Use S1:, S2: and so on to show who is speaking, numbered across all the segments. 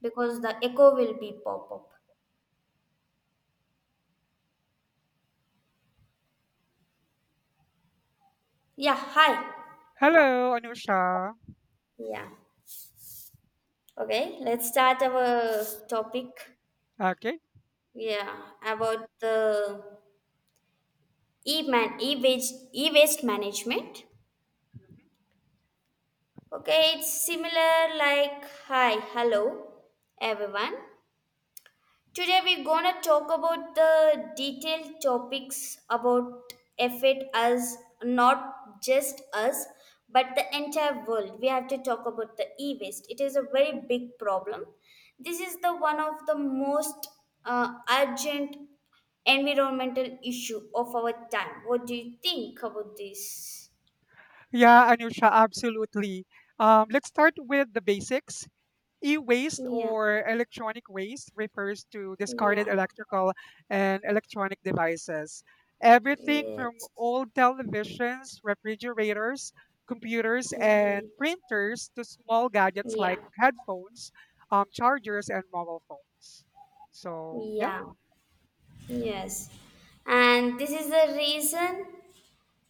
S1: Because the echo will be pop up. Yeah, hi.
S2: Hello, Anusha.
S1: Yeah. Okay, let's start our topic.
S2: Okay.
S1: Yeah, about the e-man e-waste e-waste management. Okay, it's similar like hi, hello, everyone. Today we're gonna talk about the detailed topics about affect us, not just us, but the entire world. We have to talk about the e-waste. It is a very big problem. This is the one of the most urgent environmental issue of our time. What do you think about this?
S2: Yeah, Anusha, absolutely. Let's start with the basics. E-waste
S1: Yeah,
S2: or electronic waste refers to
S1: yeah,
S2: discarded electrical and electronic devices. Everything from
S1: yes,
S2: old televisions, refrigerators, computers, and
S1: yeah,
S2: printers to small gadgets
S1: yeah,
S2: like headphones, chargers, and mobile phones. So, yeah,
S1: yeah. Yes, and this is the reason.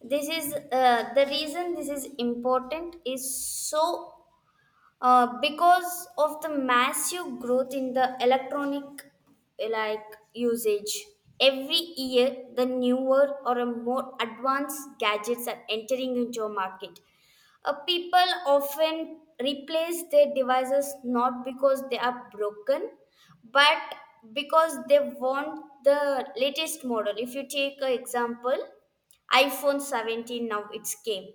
S1: This is the reason this is important is so because of the massive growth in the electronic like usage. Every year the newer or a more advanced gadgets are entering into a market. People often replace their devices not because they are broken, but because they want the latest model. If you take an example, iphone 17 now it's came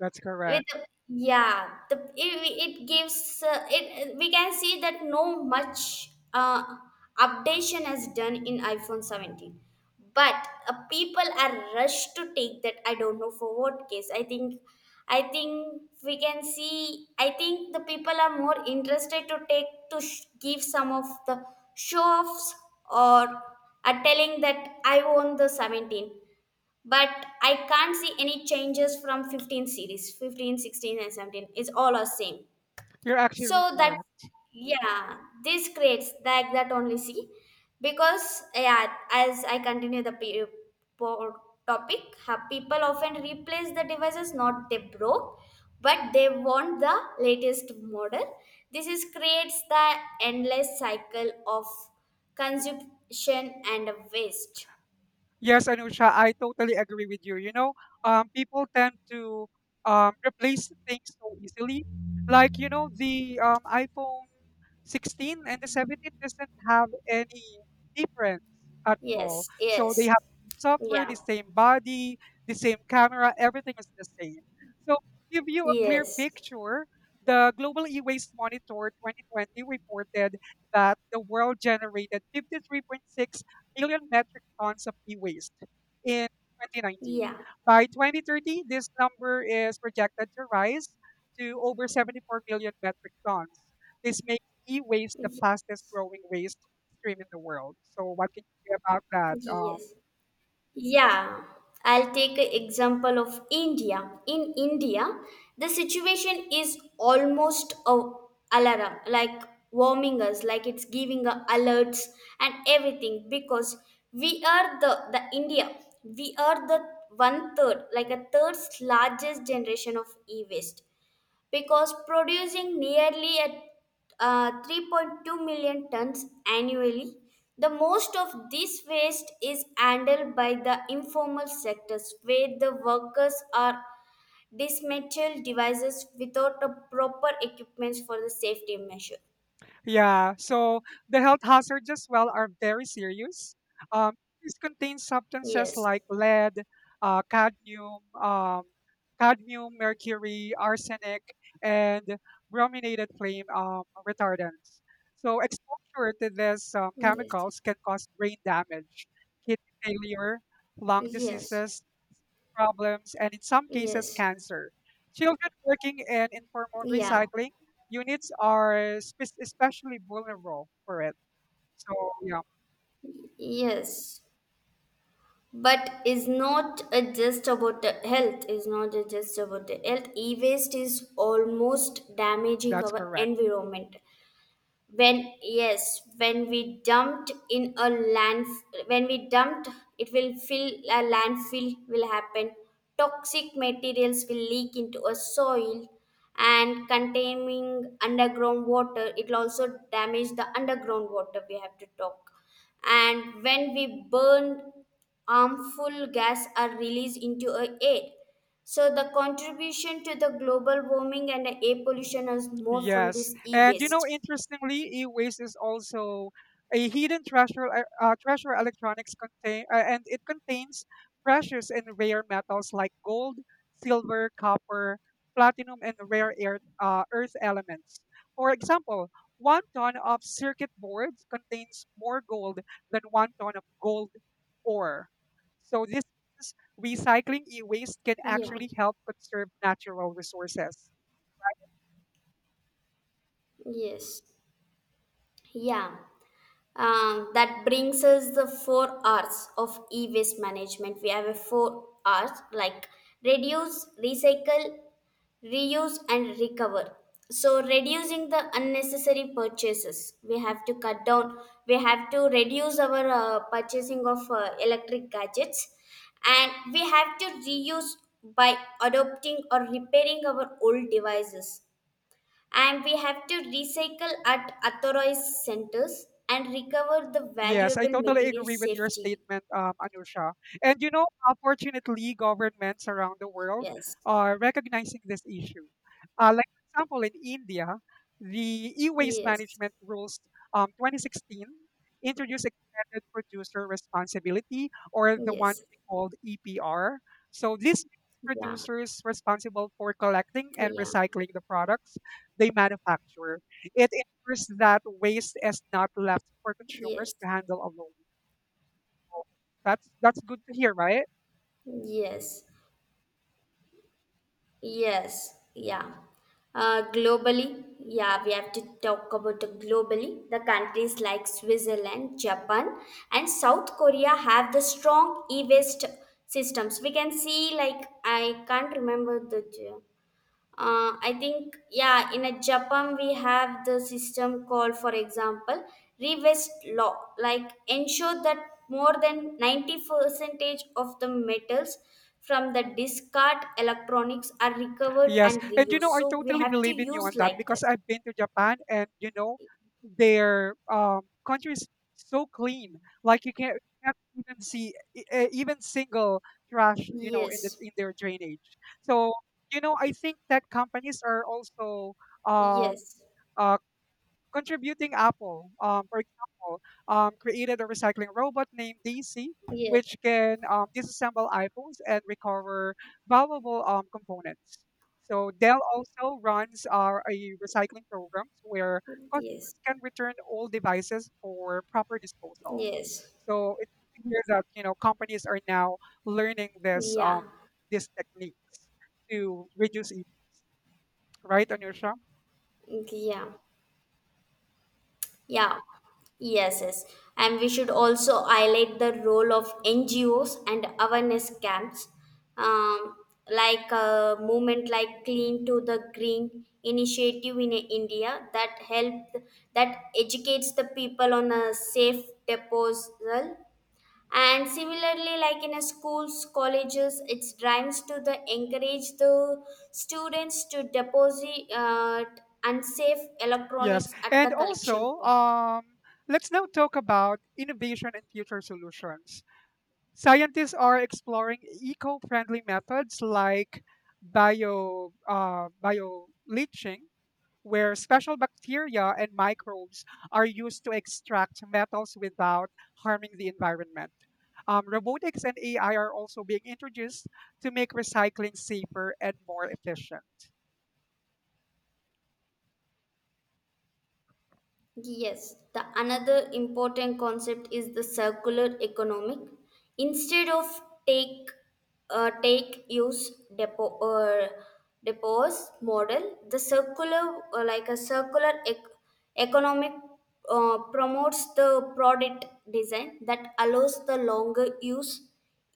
S2: that's
S1: with
S2: correct.
S1: the, yeah the it gives, it we can see that no much updation has done in iphone 17, but people are rushed to take that. I don't know for what case. I think we can see, I think the people are more interested to take give some of the show offs, or are telling that I own the 17. But I can't see any changes from 15 series. 15 16, and 17 is all are same.
S2: You're actually
S1: So that,
S2: correct.
S1: yeah, this creates that only see, because yeah as I continue the po- topic, people often replace the devices not they broke, but they want the latest model. This is creates the endless cycle of consumption and waste.
S2: Yes, Anusha, I totally agree with you. You know, people tend to replace things so easily. Like, you know, the iPhone 16 and the 17 doesn't have any difference at all.
S1: Yes,
S2: So they
S1: yes,
S2: have the same software,
S1: yeah.
S2: the same body, the same camera, everything is the same. So give you a clear
S1: Yes.
S2: picture. The Global E-Waste Monitor 2020 reported that the world generated 53.6 million metric tons of e-waste in 2019.
S1: Yeah.
S2: By 2030, this number is projected to rise to over 74 million metric tons. This makes e-waste the
S1: Y-
S2: fastest growing waste stream in the world. So what can you say about that?
S1: Yes. Yeah. I'll take an example of India. In India, the situation is almost a alarm, like warming us, like it's giving a alerts and everything, because we are the India. We are the one third, like a third largest generation of e-waste, because producing nearly at 3.2 million tons annually. The most of this waste is handled by the informal sectors where the workers are dismantled devices without the proper equipment for the safety measure.
S2: Yeah, so the health hazards as well are very serious. Um, this contains substances
S1: Yes.
S2: like lead, uh, cadmium, um, cadmium, mercury, arsenic, and brominated flame retardants. So exposure to these
S1: Yes.
S2: chemicals can cause brain damage, kidney failure, lung
S1: Yes.
S2: diseases, problems, and in some cases,
S1: Yes.
S2: cancer. Children working in informal
S1: Yeah.
S2: recycling units are especially vulnerable for it. So, yeah,
S1: Yes. But is not just about the health. E-waste is almost damaging
S2: that's
S1: our
S2: correct.
S1: environment. When, yes, when we dumped in a land, when we dumped, it will fill, a landfill will happen. Toxic materials will leak into a soil and containing underground water. It will also damage the underground water, we have to talk. And when we burn, harmful gas are released into a air. So the contribution to the global warming and the air pollution is more from
S2: Yes,
S1: this
S2: and you know,
S1: e-waste.
S2: interestingly, e-waste is also a hidden treasure. Treasure electronics contain, and it contains precious and rare metals like gold, silver, copper, platinum, and rare earth, earth elements. For example, one ton of circuit boards contains more gold than one ton of gold ore. So this means recycling e-waste can
S1: Yeah,
S2: actually help conserve natural resources.
S1: yes, yeah. That brings us the four R's of e-waste management. We have a four R's like reduce, recycle, reuse, and recover. So reducing the unnecessary purchases, we have to cut down. We have to reduce our purchasing of electric gadgets, and we have to reuse by adopting or repairing our old devices, and we have to recycle at authorized centers and recover the
S2: Yes, I
S1: valuable
S2: totally
S1: material
S2: agree with your
S1: safely.
S2: statement, Anusha. And you know, unfortunately, governments around the world
S1: Yes,
S2: are recognizing this issue. Like, for example, in India, the e-waste
S1: yes,
S2: management rules 2016 introduced extended producer responsibility, or the one
S1: yes,
S2: we called EPR. So this makes
S1: yeah,
S2: producers responsible for collecting and
S1: yeah,
S2: recycling the products they manufacture. It ensures that waste is not left for
S1: yes,
S2: consumers to handle alone. That's good to hear, right?
S1: yes, yes, yeah. Globally, yeah, we have to talk about the globally. The countries like Switzerland, Japan, and South Korea have the strong e-waste systems. We can see, like, I can't remember the. I think, yeah, in a japan we have the system called, for example, reverse law, like ensure that more than 90 percentage of the metals from the discard electronics are recovered
S2: Yes.
S1: and
S2: And you
S1: reused.
S2: know, I
S1: So we
S2: totally
S1: have to
S2: believe in you
S1: use
S2: on that
S1: like
S2: because
S1: that.
S2: I've been to Japan and you know, their country is so clean. Like you can't even see even single trash, you know, in
S1: Yes,
S2: their drainage. So, you know, I think that companies are also um
S1: yes,
S2: uh, contributing. Apple, for example, created a recycling robot named Daisy, which
S1: yes,
S2: can disassemble iPhones and recover valuable components. So Dell also runs our a recycling program where
S1: yes,
S2: customers can return old devices for proper disposal.
S1: yes,
S2: So it's clear that you know companies are now learning this
S1: yeah,
S2: these techniques to reduce right, Anusha?
S1: yeah. Yeah, yes, yes. And we should also highlight the role of NGOs and awareness camps, um, like a movement like Clean to the Green initiative in India that helped, that educates the people on a safe disposal. And similarly, like in a schools, colleges, it drives to the encourage the students to deposit unsafe
S2: Yes.
S1: electronics at the
S2: And
S1: collection
S2: also,
S1: point.
S2: let's now talk about innovation and future solutions. Scientists are exploring eco friendly methods like bio leaching where special bacteria and microbes are used to extract metals without harming the environment. Robotics and AI are also being introduced to make recycling safer and more efficient.
S1: Yes, the another important concept is the circular economic. Instead of take take use depo or depose model, the circular like a circular economic promotes the product design that allows the longer use,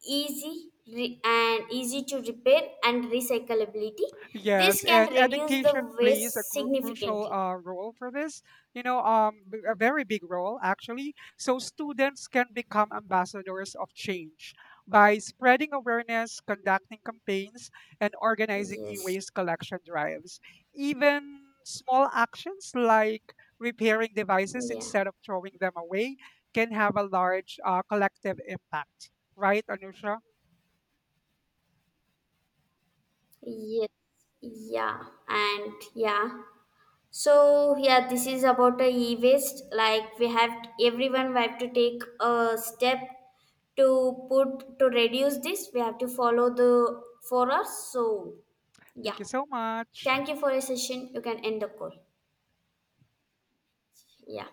S1: easy re- and easy to repair and recyclability. This
S2: Yes,
S1: can
S2: and
S1: reduce the
S2: education plays a
S1: waste
S2: crucial
S1: significantly.
S2: role for this. You know, a very big role actually. So students can become ambassadors of change by spreading awareness, conducting campaigns, and organizing
S1: Yes.
S2: e-waste collection drives. Even small actions like repairing devices
S1: Yeah.
S2: instead of throwing them away can have a large collective impact. Right, Anusha?
S1: Yes. Yeah. And yeah. So yeah, this is about a e-waste. Like we have everyone we have to take a step to reduce this. We have to follow the for us. So
S2: Thank
S1: yeah.
S2: you so much.
S1: Thank you for your session. You can end the call. Yeah.